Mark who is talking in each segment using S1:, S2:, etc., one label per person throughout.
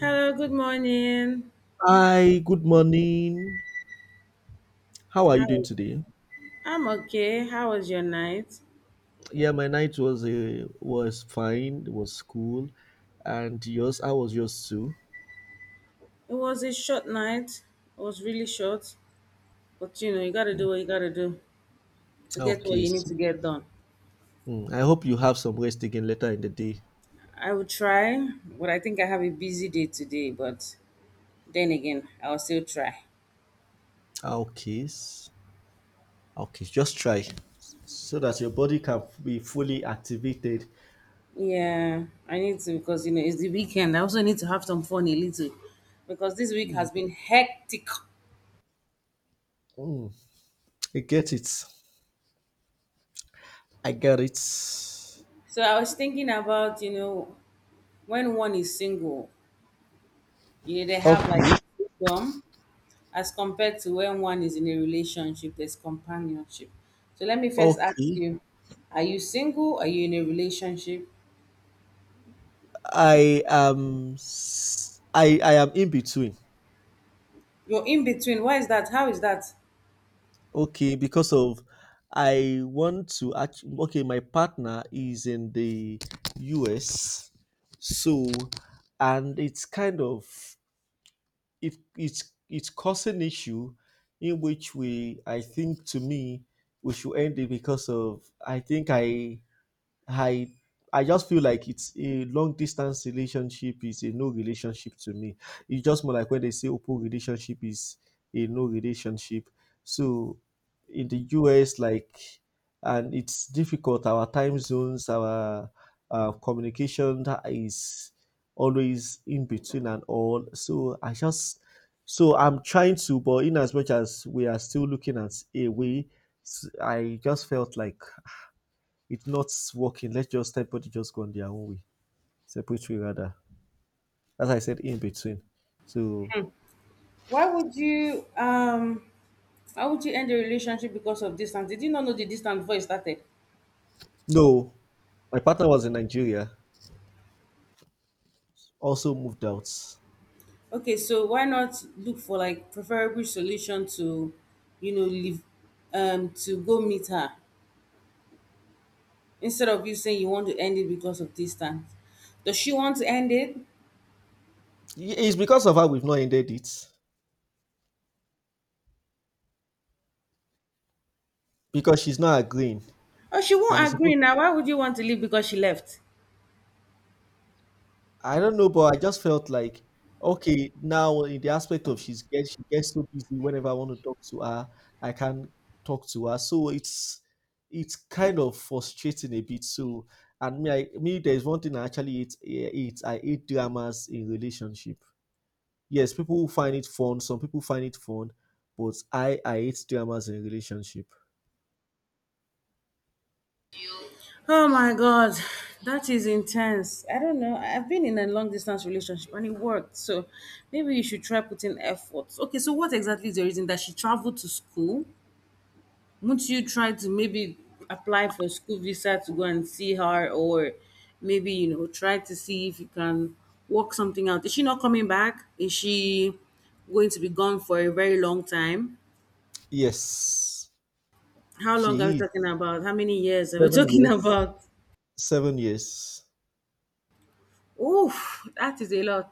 S1: Hello, good morning.
S2: Hi, good morning. How are you doing
S1: Hi.
S2: today?
S1: I'm okay. How was your night?
S2: My night was fine. It was cool, and yours? How was yours too?
S1: It was a short night. It was really short, but you know, you gotta do what you gotta do to get what
S2: Okay.
S1: you need to get done.
S2: I hope you have some rest again later in the day.
S1: I will try, but I think I have a busy day today, but then again, I'll still try.
S2: Okay. s- Okay. Just try, so that your body can be fully activated.
S1: Yeah, I need to because you know, it's the weekend. I also need to have some fun a little because this week has been hectic.
S2: I get it. I get it.
S1: So I was thinking about, you know, when one is single, you know, they have like
S2: Okay.
S1: freedom as compared to when one is in a relationship, there's companionship. So let me first ask
S2: Okay.
S1: you, are you single? Are you in a relationship?
S2: I am in between.
S1: You're in between. Why is that? How is that?
S2: Okay, because of I want to actually, okay, my partner is in the US, so and it's kind of it's causing issue in which we I think to me we should end it because of I think I I just feel like it's a long distance relationship is a no relationship to me. It's just more like when they say open relationship is a no relationship. So in the US, like, and it's difficult. Our time zones, our communication is always in between and all. So I'm trying to, but in as much as we are still looking at a way, I just felt like it's not working. Let's just everybody just go on their own way, separate way rather. As I said, in between. So
S1: Why would you um why would you end a relationship because of distance? Did you not know the distance before you started?
S2: no, my partner was in Nigeria, also moved out.
S1: Okay, so why not look for like preferable solution to, you know, leave to go meet her instead of you saying you want to end it because of distance. Does she want to end it?
S2: It's because of her we've not ended it because she's not agreeing,
S1: Oh, she
S2: and it's
S1: won't agree
S2: supposed
S1: now. Why would you want to leave because she left?
S2: I don't know, but I just felt like okay, now in the aspect of she gets so busy whenever I want to talk to her, I can't talk to her. So it's kind of frustrating a bit. So and me, there's one thing I actually hate. I hate dramas in relationship. Yes, people who find it fun. Some people find it fun, but I hate dramas in relationship.
S1: Oh my God, that is intense. I don't know. I've been in a long distance relationship and it worked. So maybe you should try putting effort. Okay, so what exactly is the reason that she traveled to school? Wouldn't you try to maybe apply for school visa to go and see her or maybe, you know, try to see if you can work something out? Is she not coming back? Is she going to be gone for a very long time?
S2: Yes,
S1: How long are we
S2: she is
S1: talking about? How many years are we
S2: seven
S1: talking
S2: years.
S1: about?
S2: 7 years.
S1: Oof, that is a lot.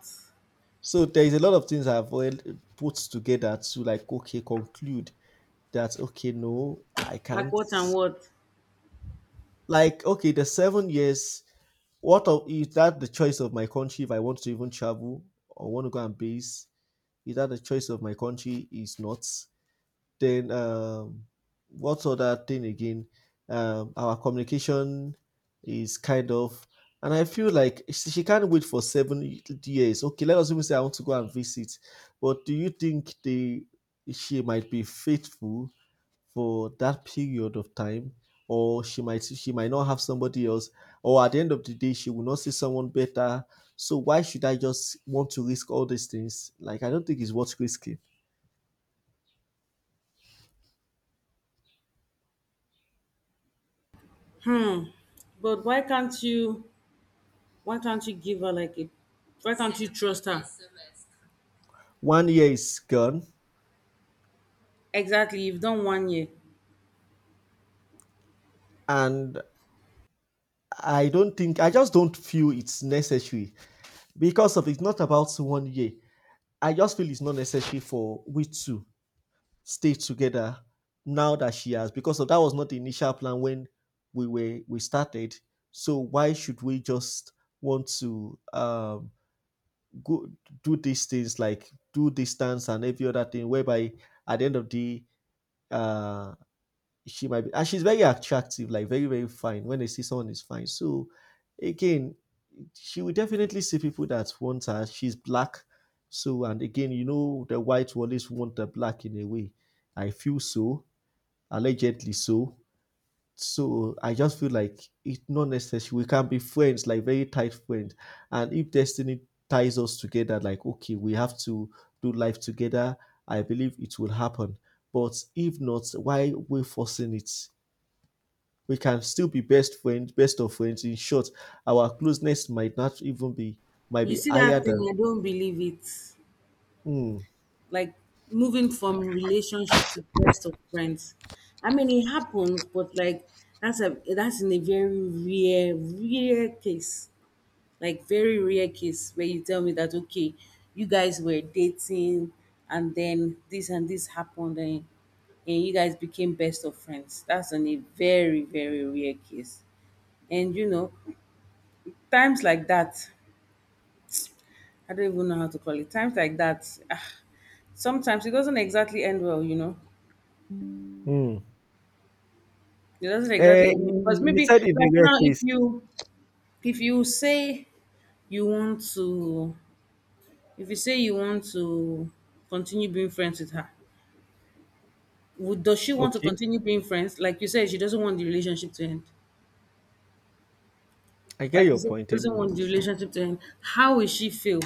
S2: So there is a lot of things I've already put together to like okay conclude that okay no I
S1: Like
S2: can't,
S1: what and what.
S2: like okay the 7 years, what of is that the choice of my country if I want to even travel or want to go and base, is that the choice of my country is not. Then what's other thing again? Our communication is kind of, and I feel like she can't wait for 7 years. Okay, let us even say I want to go and visit, but do you think they she might be faithful for that period of time, or she might not have somebody else, or at the end of the day she will not see someone better? So why should I just want to risk all these things? Like I don't think it's worth risking.
S1: But why can't you give her like a why can't you trust her?
S2: One year is gone
S1: Exactly, you've done 1 year.
S2: and I don't think I just don't feel it's necessary because of it's not about one year. I just feel it's not necessary for we to stay together now that she has because of that was not the initial plan when we started. So why should we just want to go do these things like do distance and every other thing whereby at the end of the uh she might be, and she's very attractive, like very, very fine. When they see someone is fine. So again, she will definitely see people that want her. She's black. So, and again, you know, the white will always want the black in a way. I feel so, allegedly so. So I just feel like it's not necessary. We can be friends, like very tight friends. And if destiny ties us together, like, okay, we have to do life together, I believe it will happen. But if not, why we forcing it? We can still be best friends, best of friends. In short, our closeness might not even be, might
S1: You
S2: be
S1: see
S2: higher
S1: that thing,
S2: than.
S1: I don't believe it.
S2: Mm,
S1: Like moving from relationship to best of friends. I mean it happens, but like that's a that's in a very rare, rare case. Like very rare case where you tell me that okay you guys were dating and then this and this happened and you guys became best of friends. That's on a very very rare case, and you know times like that, I don't even know how to call it. Times like that, sometimes it doesn't exactly end well, you know
S2: mm.
S1: it doesn't exactly
S2: Eh,
S1: end well. Because
S2: you
S1: maybe
S2: said in the
S1: like
S2: rare
S1: now
S2: case.
S1: if you say you want to if you say you want to continue being friends with her, would does she want to
S2: Okay,
S1: continue being friends? Like you said, she doesn't want the relationship to end.
S2: I get
S1: Like you
S2: your
S1: said,
S2: point.
S1: she doesn't want the
S2: Anyways,
S1: relationship to end. How will she feel?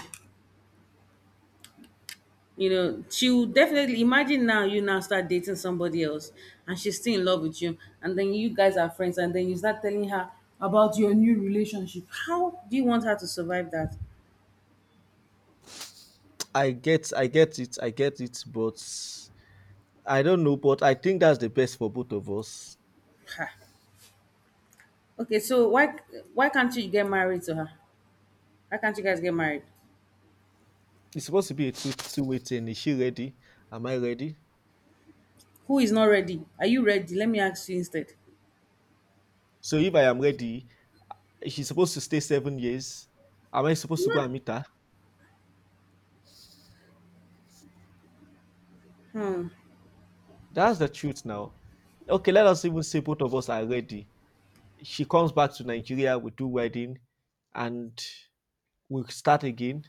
S1: You know, she will definitely imagine now you now start dating somebody else and she's still in love with you, and then you guys are friends, and then you start telling her about your new relationship. How do you want her to survive that?
S2: I get it. But I don't know. But I think that's the best for both of us.
S1: Ha. Okay, so why can't you get married to her? Why can't you guys get married?
S2: It's supposed to be a two-way thing. Is she ready? Am I ready?
S1: Who is not ready? Are you ready? Let me ask you instead.
S2: So if I am ready, she's supposed to stay 7 years. Am I supposed to go and meet her? That's the truth now. Okay, let us even say both of us are ready. She comes back to Nigeria, we do wedding, and we start again.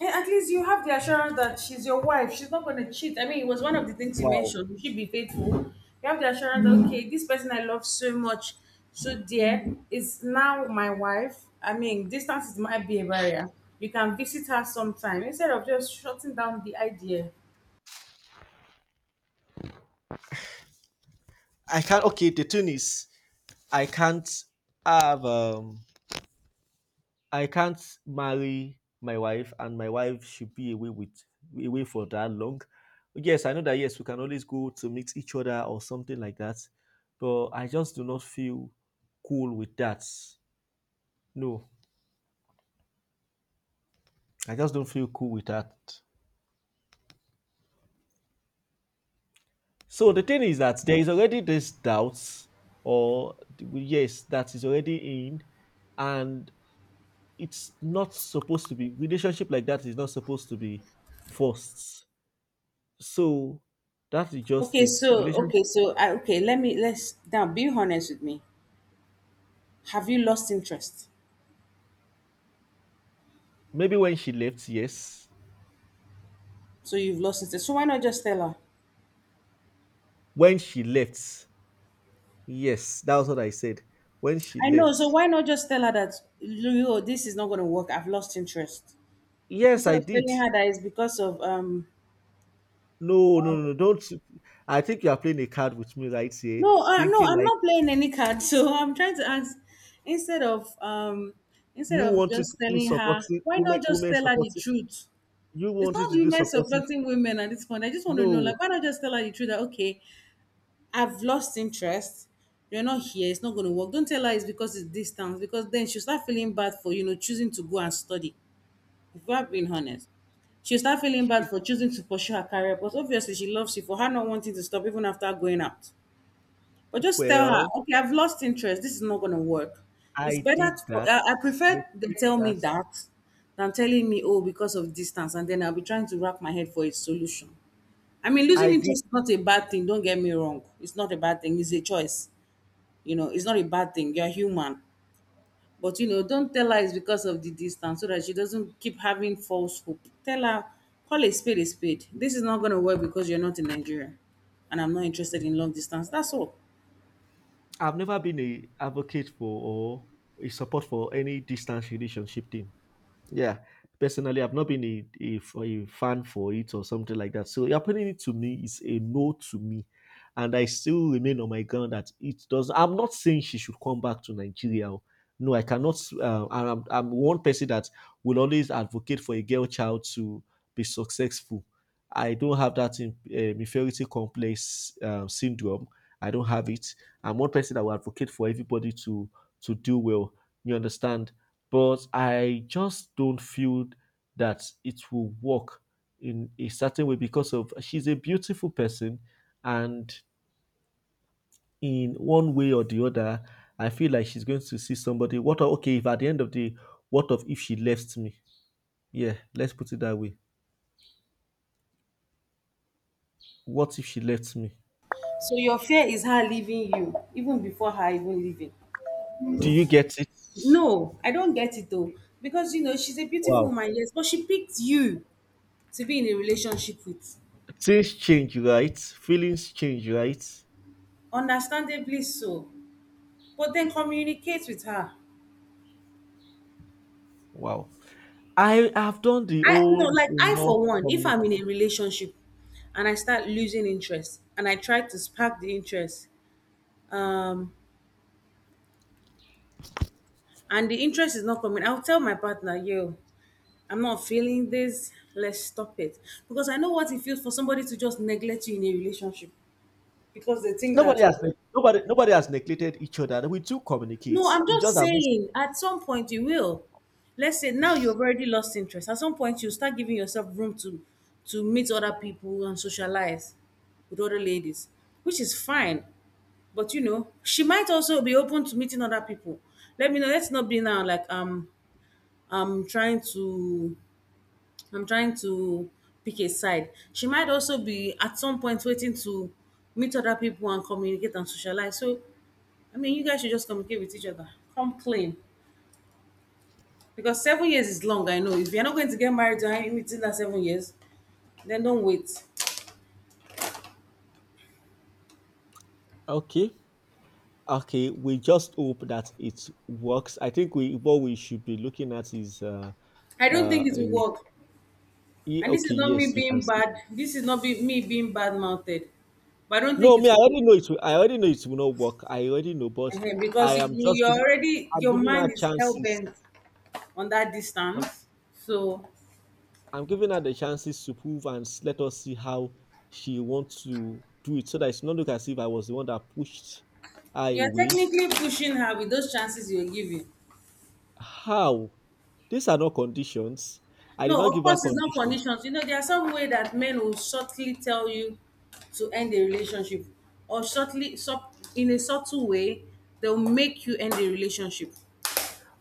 S1: And at least you have the assurance that she's your wife. She's not going to cheat. I mean, it was one of the things you
S2: Wow.
S1: mentioned. You should be faithful. You have the assurance, okay, this person I love so much, so dear, is now my wife. I mean, distance is might be a barrier. You can visit her sometime instead of just shutting down the idea.
S2: I can't, okay, the thing is I can't have I can't marry my wife and my wife should be away for that long. Yes, I know that yes, we can always go to mix each other or something like that. But I just do not feel cool with that. No. I just don't feel cool with that. So the thing is that there is already this doubts, or yes, that is already in, and it's not supposed to be relationship, like that is not supposed to be forced. So that is just
S1: Okay,
S2: it.
S1: so
S2: Relationship.
S1: okay, so I, okay, let me let's now be honest with me. Have you lost interest?
S2: Maybe when she left, yes.
S1: So you've lost interest. So why not just tell her?
S2: When she left, yes. That was what I said. When she
S1: I know. So
S2: left,
S1: why not just tell her that you know, this is not going to work. I've lost interest.
S2: yes,
S1: Instead
S2: I
S1: of
S2: did.
S1: telling her that it's because of
S2: No, no,
S1: um
S2: no, don't. I think you are playing a card with me right here,
S1: no, no,
S2: thinking
S1: I'm
S2: like
S1: not playing any card. So I'm trying to ask instead of um instead
S2: you
S1: of
S2: wanted
S1: just
S2: to do
S1: telling her,
S2: supporting
S1: why
S2: women,
S1: not just
S2: women
S1: tell her the
S2: supporting.
S1: truth?
S2: You
S1: It's not
S2: wanted to do
S1: women
S2: supporting.
S1: supporting women at this point. I just want to know,
S2: No,
S1: like, why not just tell her the truth that okay, I've lost interest. You're not here. It's not going to work. Don't tell her it's because it's distance. Because then she'll start feeling bad for you know choosing to go and study. If we're being honest, she'll start feeling bad
S2: she-
S1: for choosing to pursue her career, but obviously she loves you for her not wanting to stop even after going out. But just tell her,
S2: Well,
S1: okay, I've lost interest. This is not going to work. It's
S2: I
S1: better.
S2: did
S1: To, for-
S2: that.
S1: I
S2: I
S1: prefer they
S2: did
S1: tell me
S2: that.
S1: that than telling me, oh, because of distance, and then I'll be trying to wrap my head for a solution. I mean,
S2: I
S1: losing
S2: did.
S1: interest is not a bad thing. Don't get me wrong. It's not a bad thing. It's a choice. You know, it's not a bad thing. You're human. But you know, don't tell her it's because of the distance so that she doesn't keep having false hope. Tell her, call a spade a spade. This is not going to work because you're not in Nigeria and I'm not interested in long distance. That's all.
S2: I've never been a advocate for or a support for any distance relationship thing. Yeah, personally, I've not been a fan for it or something like that. So happening it to me is a no to me, and I still remain on my ground that it does. I'm not saying she should come back to Nigeria. O. No, I cannot. And I'm one person that will always advocate for a girl child to be successful. I don't have that inferiority complex syndrome. I don't have it. I'm one person that will advocate for everybody to do well. You understand? But I just don't feel that it will work in a certain way because of she's a beautiful person, and in one way or the other I feel like she's going to see somebody. Okay, if at the end of the what of if she left me, yeah, let's put it that way. What if she left me?
S1: So your fear is her leaving you even before her even leaving.
S2: Do you get it?
S1: No, I don't get it though. Because you know, she's a beautiful
S2: Wow.
S1: woman, yes, but she picked you to be in a relationship with.
S2: Things change, right? Feelings change, right?
S1: Understandably so. But then communicate with her.
S2: Wow. I have done the
S1: I no
S2: old
S1: like I
S2: enough
S1: for one, if
S2: communication.
S1: I'm in a relationship and I start losing interest and I try to spark the interest, um, and the interest is not coming, I'll tell my partner, yo, I'm not feeling this, let's stop it. Because I know what it feels for somebody to just neglect you in a relationship because they think that you're
S2: Nobody has neglected each other. We do
S1: No,
S2: communicate.
S1: I'm
S2: You just
S1: just
S2: that most
S1: saying, at some point you will. Let's say now you've already lost interest. At some point you start giving yourself room to meet other people and socialize with other ladies, which is fine. But you know, she might also be open to meeting other people. Let me know. Let's not be now like I'm trying to I'm trying to pick a side. She might also be at some point waiting to meet other people and communicate and socialize. So I mean you guys should just communicate with each other. Come clean. Because 7 years is long, I know. If you're not going to get married to- within that 7 years, then don't wait.
S2: okay. Okay, we just hope that it works. I think we what we should be looking at is
S1: I don't think
S2: uh
S1: it will
S2: a-
S1: work. And this is
S2: okay,
S1: not me
S2: yes, you can
S1: being
S2: see.
S1: bad. This is not me being bad mouthed. But I don't think
S2: No,
S1: it
S2: me, I
S1: will work.
S2: already know it will, I already know it will not work. I already know, but
S1: Ehen,
S2: I
S1: because you,
S2: am just
S1: you're
S2: giving
S1: already,
S2: I'm
S1: your
S2: giving her
S1: mind is hell
S2: chances.
S1: bent on that
S2: I'm
S1: distance. So
S2: I'm giving her the chances to prove and let us see how she wants to do it so that it's not look as if I was the one that pushed her
S1: you're
S2: away.
S1: technically pushing her with those chances you're giving.
S2: How? These are not conditions. I did
S1: No,
S2: not
S1: of
S2: give her
S1: course, it's not
S2: conditions.
S1: conditions. You know, there are some way that men will subtly tell you to end a relationship, or in a subtle way, they'll make you end the relationship.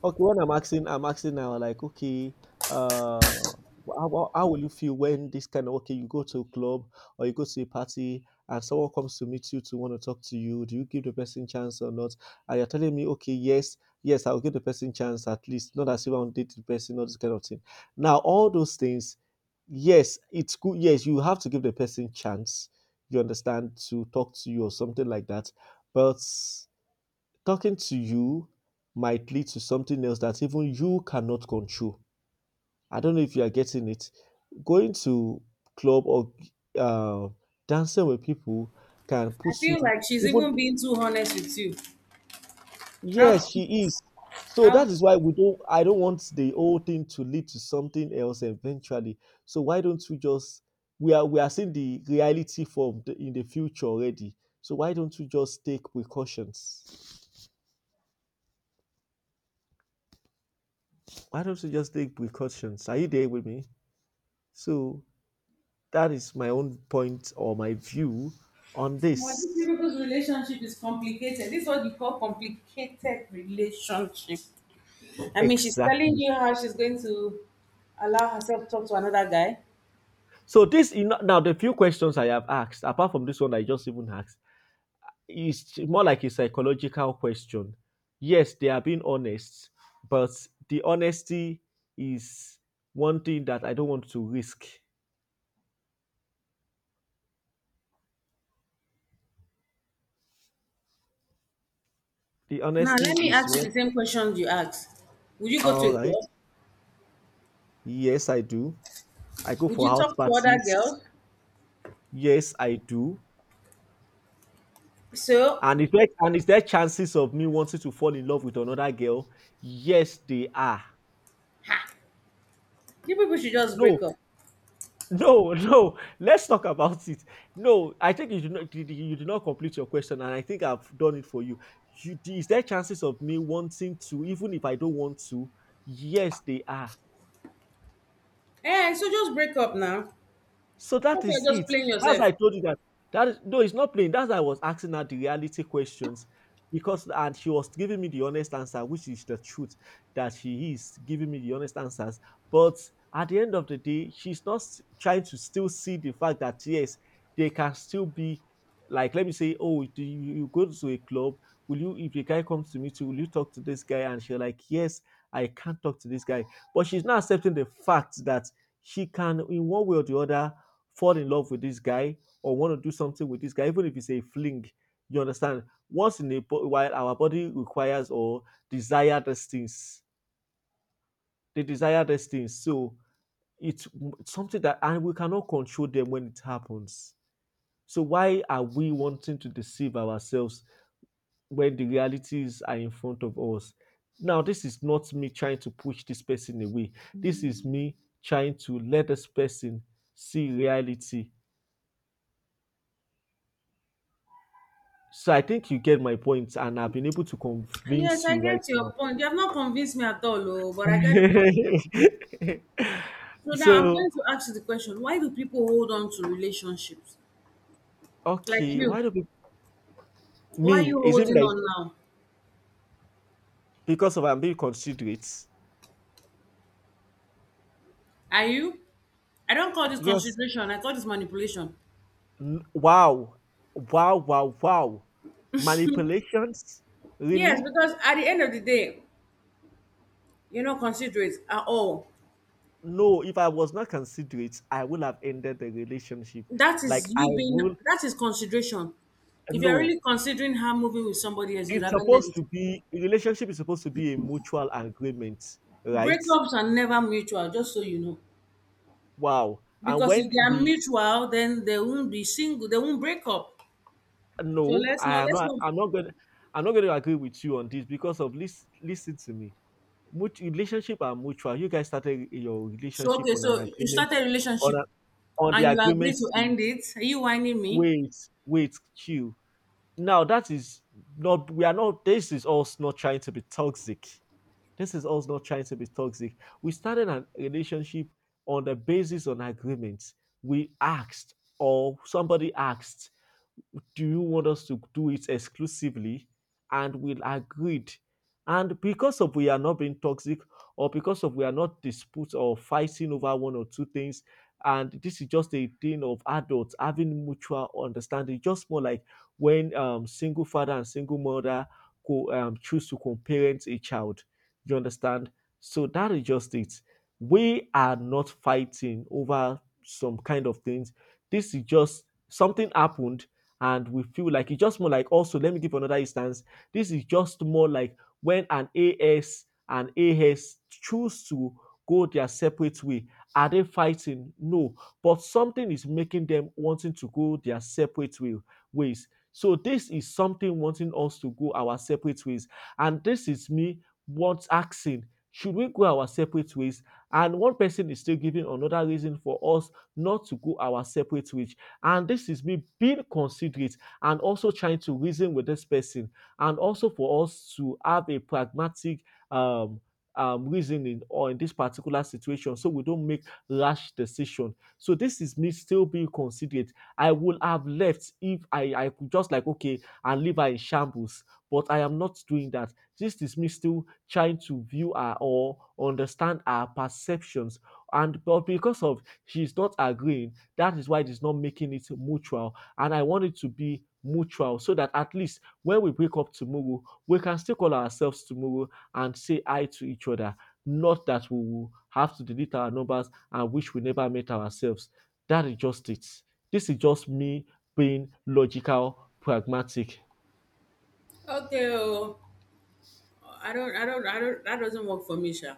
S2: Okay, what I'm asking now, like, okay, how will you feel when this kind of, okay, you go to a club or you go to a party and someone comes to meet you to want to talk to you? Do you give the person chance or not? And you're telling me, okay, yes, I'll give the person chance at least, not as if I want to date the person, all this kind of thing. Now, all those things, yes, it's good. Yes, you have to give the person chance, you understand, to talk to you or something like that. But talking to you might lead to something else that even you cannot control. I don't know if you are getting it. Going to club or uh, dancing with people can
S1: I
S2: put
S1: feel
S2: you
S1: like she's
S2: even,
S1: even being too honest with you. How
S2: yes,
S1: cute.
S2: she is. So
S1: How
S2: that is why we don't I don't want the whole thing to lead to something else eventually. So why don't we just, we are seeing the reality form in the future already. So why don't we just take precautions? Why don't we just take precautions? Are you there with me? So that is my own point or my view on
S1: well, these
S2: this.
S1: people's relationship is complicated. This is what you call complicated relationship. I mean, she's telling
S2: Exactly.
S1: you how she's going to allow herself to talk to another guy.
S2: So this, you know, now the few questions I have asked, apart from this one I just even asked, is more like a psychological question. Yes, they are being honest, but the honesty is one thing that I don't want to risk. The
S1: Now,
S2: honesty
S1: let me
S2: is
S1: ask you
S2: what
S1: the same questions you asked. Would you go to
S2: all
S1: a
S2: right.
S1: club?
S2: Yes, I do. I go
S1: Would
S2: for
S1: you
S2: house
S1: talk to other
S2: parties.
S1: girls?
S2: Yes, I do.
S1: So
S2: And is there chances of me wanting to fall in love with another girl? Yes, they are.
S1: you people should just
S2: No,
S1: break up.
S2: no, no. Let's talk about it. No, I think you did not did- you did not complete your question, and I think I've done it for you. Is there chances of me wanting to, even if I don't want to? Yes, they are.
S1: Eh, so just break up now.
S2: So that
S1: Stop you're
S2: is
S1: just
S2: it.
S1: playing
S2: As
S1: yourself.
S2: I told you that. That is, no, it's not playing. That's why I was asking her the reality questions because, and she was giving me the honest answer, which is the truth that she is giving me the honest answers. But at the end of the day, she's not trying to still see the fact that yes, they can still be like, let me say, oh, do you go to a club? Will you, if a guy comes to meet you, will you talk to this guy? And she's like, yes, I can't talk to this guy. But she's not accepting the fact that she can, in one way or the other, fall in love with this guy or want to do something with this guy, even if it's a fling. You understand? Once in a while, our body requires or desire these things. They desire these things. So it's something that, and we cannot control them when it happens. So why are we wanting to deceive ourselves when the realities are in front of us? Now, this is not me trying to push this person away. This is me trying to let this person see reality. So I think you get my point, and I've been able to
S1: Yes,
S2: convince
S1: I
S2: you right
S1: get your
S2: now.
S1: point. You have not convinced me at all, oh, but I get the point. So now I'm going
S2: So
S1: to ask you the question: why do people hold on to relationships like
S2: okay, why
S1: you?
S2: do people,
S1: Why are
S2: me?
S1: you
S2: It seems
S1: holding
S2: like
S1: on now?
S2: because of I'm being considerate.
S1: Are you? I don't call this
S2: Yes.
S1: consideration. I call this manipulation.
S2: Wow. Wow. Wow. Wow. Manipulations.
S1: Yes,
S2: Really?
S1: because at the end of the day, you're not considerate at all.
S2: No. If I was not considerate, I would have ended the relationship. Like I will.
S1: That is consideration. If you're
S2: No.
S1: really considering her moving with somebody else, you'd
S2: It's
S1: have ended
S2: supposed
S1: it.
S2: to be a relationship is supposed to be a mutual agreement, right?
S1: Breakups are never mutual, just so you know.
S2: Wow. And
S1: Because if
S2: when
S1: they are
S2: we
S1: mutual, then they won't be single, they won't break up. So
S2: no,
S1: let's
S2: I
S1: not
S2: am
S1: let's
S2: not
S1: not
S2: I'm not gonna I'm not gonna agree with you on this because of listen to me. Relationship are mutual. You guys started your
S1: so
S2: relationship
S1: okay,
S2: on an
S1: so you
S2: agreement
S1: started a
S2: on
S1: relationship
S2: a, on the
S1: and you agree
S2: agreement
S1: to
S2: to
S1: end it. Are you whining me?
S2: wait, wait, queue. Now that is not we are not this is us not trying to be toxic. This is us not trying to be toxic. We started a relationship on the basis on agreements. We asked or somebody asked, do you want us to do it exclusively, and we'll agreed, and because of we are not being toxic or because of we are not dispute or fighting over one or two things, and this is just a thing of adults having mutual understanding, just more like when single father and single mother choose to co-parent a child. You understand? So that is just it. We are not fighting over some kind of things. This is just something happened, and we feel like it's just more like also let me give another instance. This is just more like when an as and as choose to go their separate way. Are they fighting? No, but something is making them wanting to go their separate ways. So this is something wanting us to go our separate ways, and this is me once asking, should we go our separate ways, and one person is still giving another reason for us not to go our separate ways. And this is me being considerate and also trying to reason with this person, and also for us to have a pragmatic um, reasoning or in this particular situation, so we don't make rash decision. So this is me still being considerate. I would have left if I could just like okay and leave her in shambles, but I am not doing that. This is me still trying to view her or understand her perceptions, and but because of she's not agreeing, that is why it is not making it mutual. And I want it to be mutual so that at least when we wake up tomorrow, we can still call ourselves tomorrow and say hi to each other. Not that we will have to delete our numbers and wish we never met ourselves. That is just it. This is just me being logical, pragmatic.
S1: Okay, oh, I don't that doesn't work for me, Sha.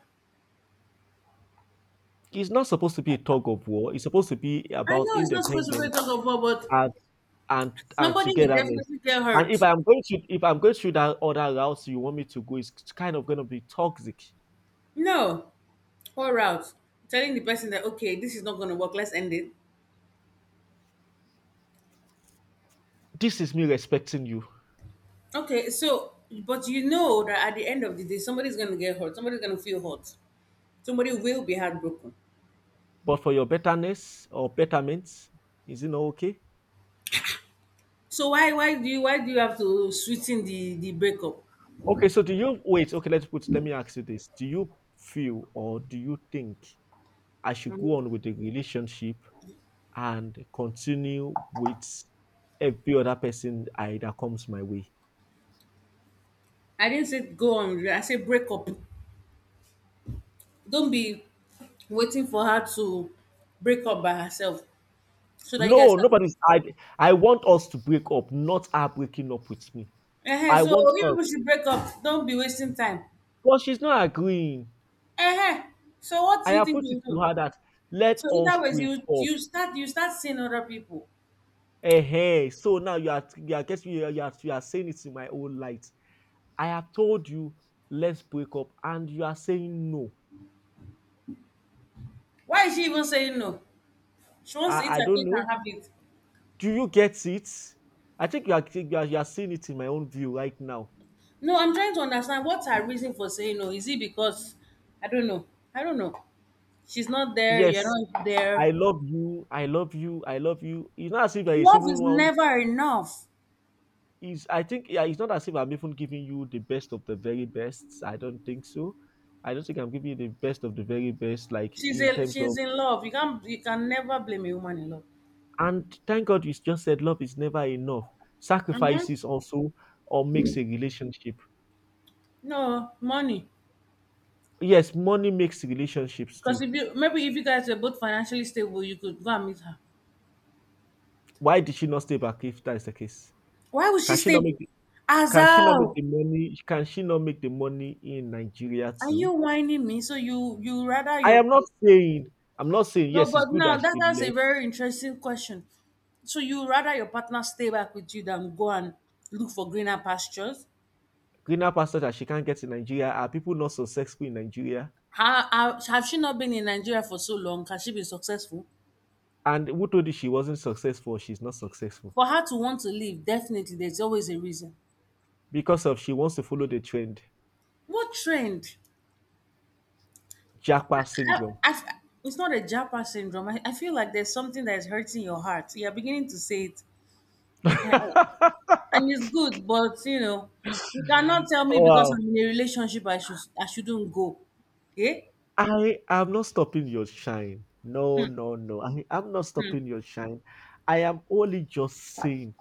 S2: It's not supposed to be a tug of war, it's supposed to be
S1: I
S2: about
S1: know it's not supposed to be
S2: independence
S1: talked about, but
S2: and and
S1: somebody will
S2: togetherness.
S1: definitely get
S2: And if
S1: hurt.
S2: I'm going to if I'm going through that other route you want me to go, it's kind of going to be toxic.
S1: No. Pour out, telling the person that, okay, this is not going to work, let's end it.
S2: This is me respecting you,
S1: Okay, so, but you know that at the end of the day, somebody's going to get hurt, somebody's going to feel hurt, somebody will be heartbroken.
S2: but for your betterness or betterment, is it not okay?
S1: So why do you have to sweeten the breakup?
S2: Okay, so do you wait? Okay, let's put. Let me ask you this: Do you feel or do you think I should go on with the relationship and continue with every other person I that comes my way?
S1: I didn't say go on. I say break up. Don't be waiting for her to break up by herself so that you guys
S2: No, nobody's. I
S1: can—
S2: I want us to break up, not her breaking up with me.
S1: Uh-huh.
S2: I
S1: So
S2: want
S1: you
S2: us.
S1: people should break up. Don't be wasting time.
S2: But she's not agreeing.
S1: Uh-huh. So what
S2: I
S1: do you
S2: have
S1: think
S2: put it
S1: you will
S2: to
S1: do?
S2: her that let
S1: So
S2: us
S1: either ways,
S2: break
S1: you
S2: up.
S1: you start seeing other people.
S2: Hey, so now you are saying it in my own light. I have told you let's break up, and you are saying no.
S1: Why is she even saying no? She wants to eat
S2: I
S1: her
S2: don't
S1: cake
S2: know.
S1: and have it.
S2: Do you get it? I think you are seeing it in my own view right now.
S1: No, I'm trying to understand what's her reason for saying no. Is it because I don't know? I don't know. She's not there. You're
S2: Yes,
S1: not
S2: I
S1: there.
S2: love you. I love you. I love you. It's not as if there is
S1: Love
S2: even
S1: is
S2: one
S1: never enough.
S2: is I think yeah, it's not as if I'm even giving you the best of the very best. I don't think so. I don't think I'm giving you the best of the very best, like
S1: She's
S2: in
S1: a,
S2: terms
S1: she's
S2: of
S1: in love. You can never blame a woman in love.
S2: and thank God you just said love is never enough.
S1: Mm-hmm.
S2: Sacrifices also or makes a relationship.
S1: No money,
S2: Yes, money makes relationships
S1: because
S2: too.
S1: if you guys were both financially stable, you could go and meet her.
S2: Why did she not stay back if that is the case?
S1: Why would she
S2: Can she
S1: stay?
S2: not make the, can she not make
S1: Azal,
S2: the money, can she not make the money in Nigeria
S1: are you
S2: too?
S1: whining me? So you rather
S2: I
S1: your—
S2: am not saying, I'm not saying
S1: No,
S2: yes, it's
S1: but
S2: good
S1: now
S2: that
S1: that
S2: she
S1: that's a
S2: left.
S1: very interesting question. So you rather your partner stay back with you than go and look for greener pastures?
S2: Greener pastures that she can't get in Nigeria? Are people not successful in Nigeria?
S1: Have she not been in Nigeria for so long? Has she been successful?
S2: And who told you she wasn't successful? She's not successful
S1: For her to want to leave, definitely there's always a reason.
S2: because of she wants to follow the trend.
S1: What trend?
S2: Jackpot
S1: I,
S2: syndrome.
S1: I, it's not a Japa syndrome. I feel like there's something that is hurting your heart. You're beginning to say it. I, and it's good, but you cannot tell me
S2: Oh,
S1: because
S2: wow.
S1: I'm in a relationship I shouldn't go. Okay?
S2: I am not stopping your shine. No, no, no. I am not stopping your shine. I am only just saying,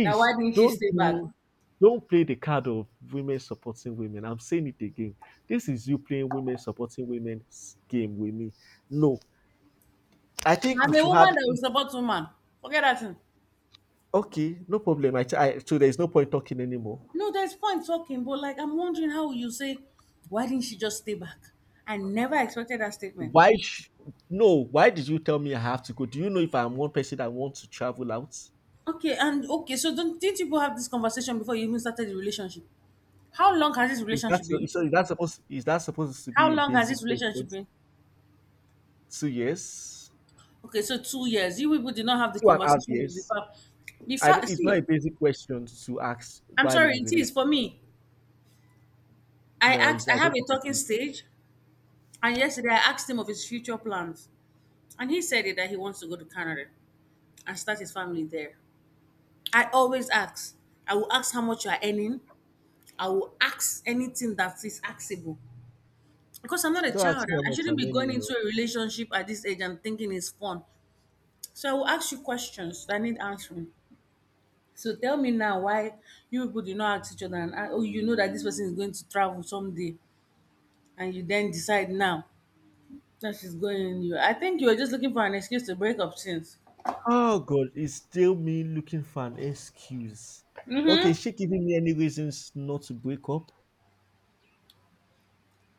S1: Now why didn't she
S2: don't
S1: stay back?
S2: do, don't play the card of women supporting women. I'm saying it again. This is you playing women supporting women game with me. No, I think
S1: I'm
S2: we
S1: a
S2: should
S1: woman
S2: have.
S1: that will support woman. Forget that thing.
S2: Okay, no problem. I so there's no point talking anymore.
S1: No, there's point talking, but like I'm wondering how you say, why didn't she just stay back? I never expected that statement.
S2: Why? No. Why did you tell me I have to go? Do you know if I'm one person that wants to travel out?
S1: Okay, and okay, so don't didn't you people have this conversation before you even started the relationship? How long has this
S2: Is that
S1: relationship
S2: so?
S1: been?
S2: Is that supposed? Is that supposed to
S1: How
S2: be a
S1: long has
S2: basic
S1: this
S2: question?
S1: relationship been?
S2: 2 years,
S1: Okay, so 2 years. You people did not have the
S2: two and a half
S1: conversation of the
S2: years.
S1: fact. The
S2: I
S1: fact,
S2: don't, it's not
S1: see,
S2: a basic question to ask
S1: I'm
S2: while in
S1: sorry,
S2: a
S1: it is
S2: relation.
S1: for me.
S2: No, it's,
S1: I
S2: I
S1: have
S2: don't
S1: a
S2: think it
S1: talking
S2: is.
S1: stage, and yesterday I asked him of his future plans, and he said it that he wants to go to Canada and start his family there. I always ask. I will ask how much you are earning. I will ask anything that is axable because I'm not a
S2: Don't
S1: child.
S2: ask me how
S1: I
S2: much
S1: shouldn't be
S2: I'm earning.
S1: going
S2: You
S1: into
S2: know.
S1: a relationship at this age and thinking it's fun. So I will ask you questions that need answering. So tell me now why you people do not ask each other and oh, you know that this person is going to travel someday and you then decide now that she's going— You, I think you were just looking for an excuse to break up since.
S2: Oh God, it's still me looking for an excuse. Okay, she giving me any reasons not to break up.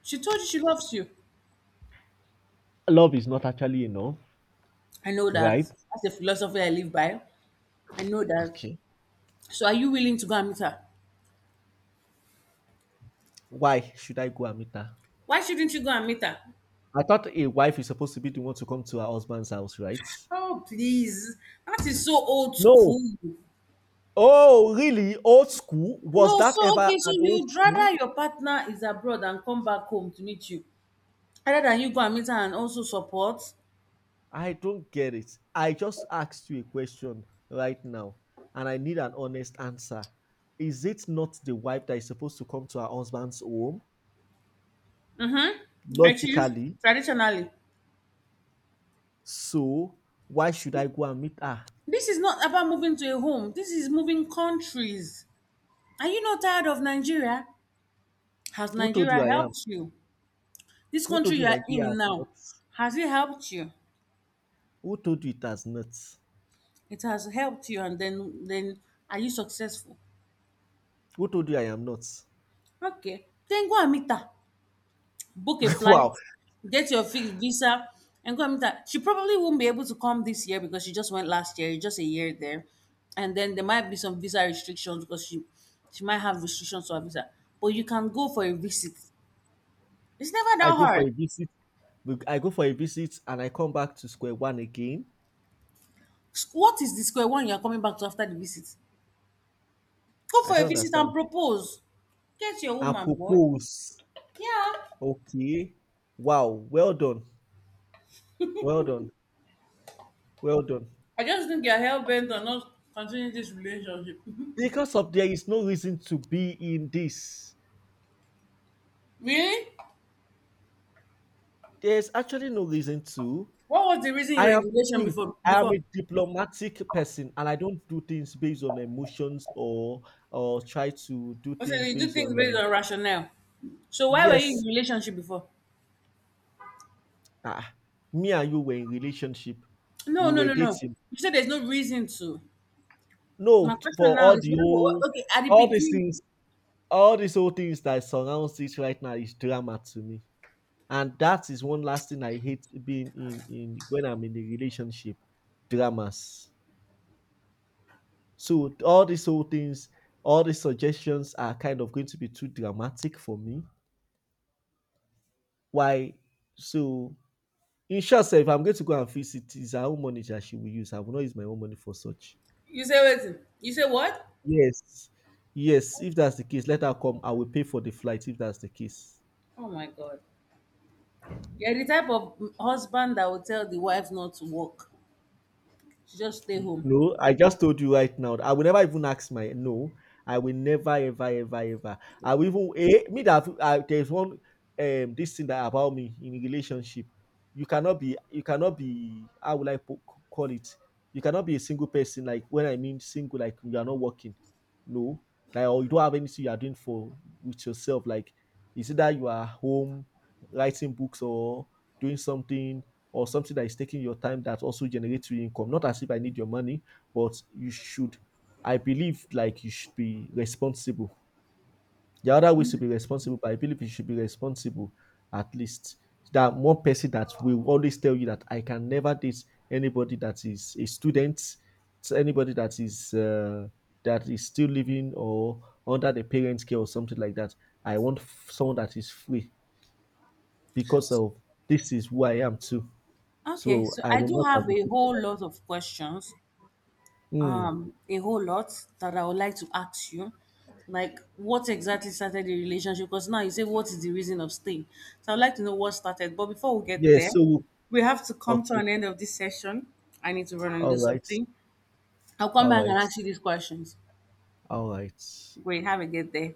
S1: She told you she loves you.
S2: Love is not actually enough.
S1: I know that.
S2: Right?
S1: That's a philosophy I live by. I know that.
S2: Okay.
S1: So are you willing to go and meet her?
S2: Why should I go and meet her?
S1: Why shouldn't you go and meet her?
S2: I thought a wife is supposed to be the one to come to her husband's house, right?
S1: Oh please. That is so old
S2: No.
S1: school.
S2: Oh, really? Old school? Was
S1: No, so
S2: that ever
S1: okay, so
S2: an old
S1: you'd
S2: school?
S1: rather your partner is abroad and come back home to meet you. Rather than you go and meet her and also support.
S2: I don't get it. I just asked you a question right now, and I need an honest answer. Is it not the wife that is supposed to come to her husband's home?
S1: Mm-hmm. It is
S2: Logically.
S1: traditionally.
S2: So, why should I go and meet her?
S1: This is not about moving to a home. This is moving countries. Are you not tired of Nigeria? Has
S2: Who told
S1: Nigeria
S2: you I am?
S1: helped you? This
S2: Who
S1: country
S2: told you
S1: you are
S2: Nigeria
S1: in
S2: has
S1: now,
S2: nuts?
S1: has it helped you?
S2: Who told you it has nuts?
S1: It has helped you, and then are you successful?
S2: Who told you I am not?
S1: Okay, then go and meet her. Book a
S2: Wow.
S1: flight, get your visa, and go and meet her. She probably won't be able to come this year because she just went last year. It's just a year there, and then there might be some visa restrictions because she might have restrictions to her visa. But you can go for a visit. It's never
S2: I
S1: that
S2: go for
S1: hard.
S2: a visit. I go for a visit and I come back to square one again.
S1: What is the square one you are coming back to after the visit? Go
S2: I
S1: for a
S2: don't
S1: visit and
S2: understand.
S1: propose. Get your
S2: I
S1: woman, boy.
S2: propose.
S1: Yeah.
S2: Okay. Wow. Well done. Well done. Well done.
S1: I just think you're hell bent on not continuing this relationship.
S2: Because of there is no reason to be in this.
S1: Really?
S2: There's actually no reason to.
S1: What was the reason you were
S2: I
S1: in
S2: am,
S1: the relationship
S2: see,
S1: before?
S2: I am
S1: Before?
S2: a diplomatic person and I don't do things based on emotions or try to do
S1: I said
S2: things
S1: you do
S2: based
S1: things
S2: on
S1: based on rationale. So why were you in
S2: yes.
S1: a relationship before?
S2: Ah, me and you were in relationship.
S1: No,
S2: We
S1: no,
S2: were
S1: no, no.
S2: dating.
S1: You said there's no reason to.
S2: No,
S1: My question
S2: for
S1: now
S2: all
S1: is,
S2: the whole,
S1: okay, at the
S2: all these
S1: beginning,
S2: things, all these whole things that surrounds this right now is drama to me. And that is one last thing I hate being in when I'm in a relationship, dramas. So all these whole things, all these suggestions are kind of going to be too dramatic for me. Why? So in short, sef, if I'm going to go and fix it, it's her own money that she will use. I will not use my own money for such.
S1: you say what? You say what?
S2: Yes. Yes, if that's the case, let her come. I will pay for the flight if that's the case.
S1: Oh my God. You're the type of husband that will tell the wife not to work. She just stay home.
S2: No, I just told you right now. I will never even ask my no. I will never ever ever ever. I will even me that there's one this thing that about me in a relationship. You cannot be how will I call it? You cannot be a single person like when I mean single like you are not working. No, like or you don't have anything you are doing for with yourself. Like is it that you are home writing books or doing something or something that is taking your time that also generates you income. Not as if I need your money, but you should. I believe like you should be responsible. The other ways to be responsible, but I believe you should be responsible at least. That one person that will always tell you that I can never date anybody that is a student, to anybody that is still living or under the parents' care or something like that. I want someone that is free because of this is who I am too.
S1: Okay,
S2: So
S1: so
S2: I
S1: I
S2: will
S1: do
S2: not
S1: have a
S2: advocate.
S1: whole lot of questions,
S2: Mm.
S1: a whole lot that I would like to ask you. Like, what exactly started the relationship? Because now you say, what is the reason of staying? So I'd like to know what started. But before we get
S2: Yeah.
S1: there,
S2: So
S1: we have to come to
S2: okay.
S1: an end of this session. I need to run and do
S2: All right.
S1: something. I'll come
S2: All
S1: back and
S2: right.
S1: ask you these questions.
S2: All right.
S1: Great, have a good day.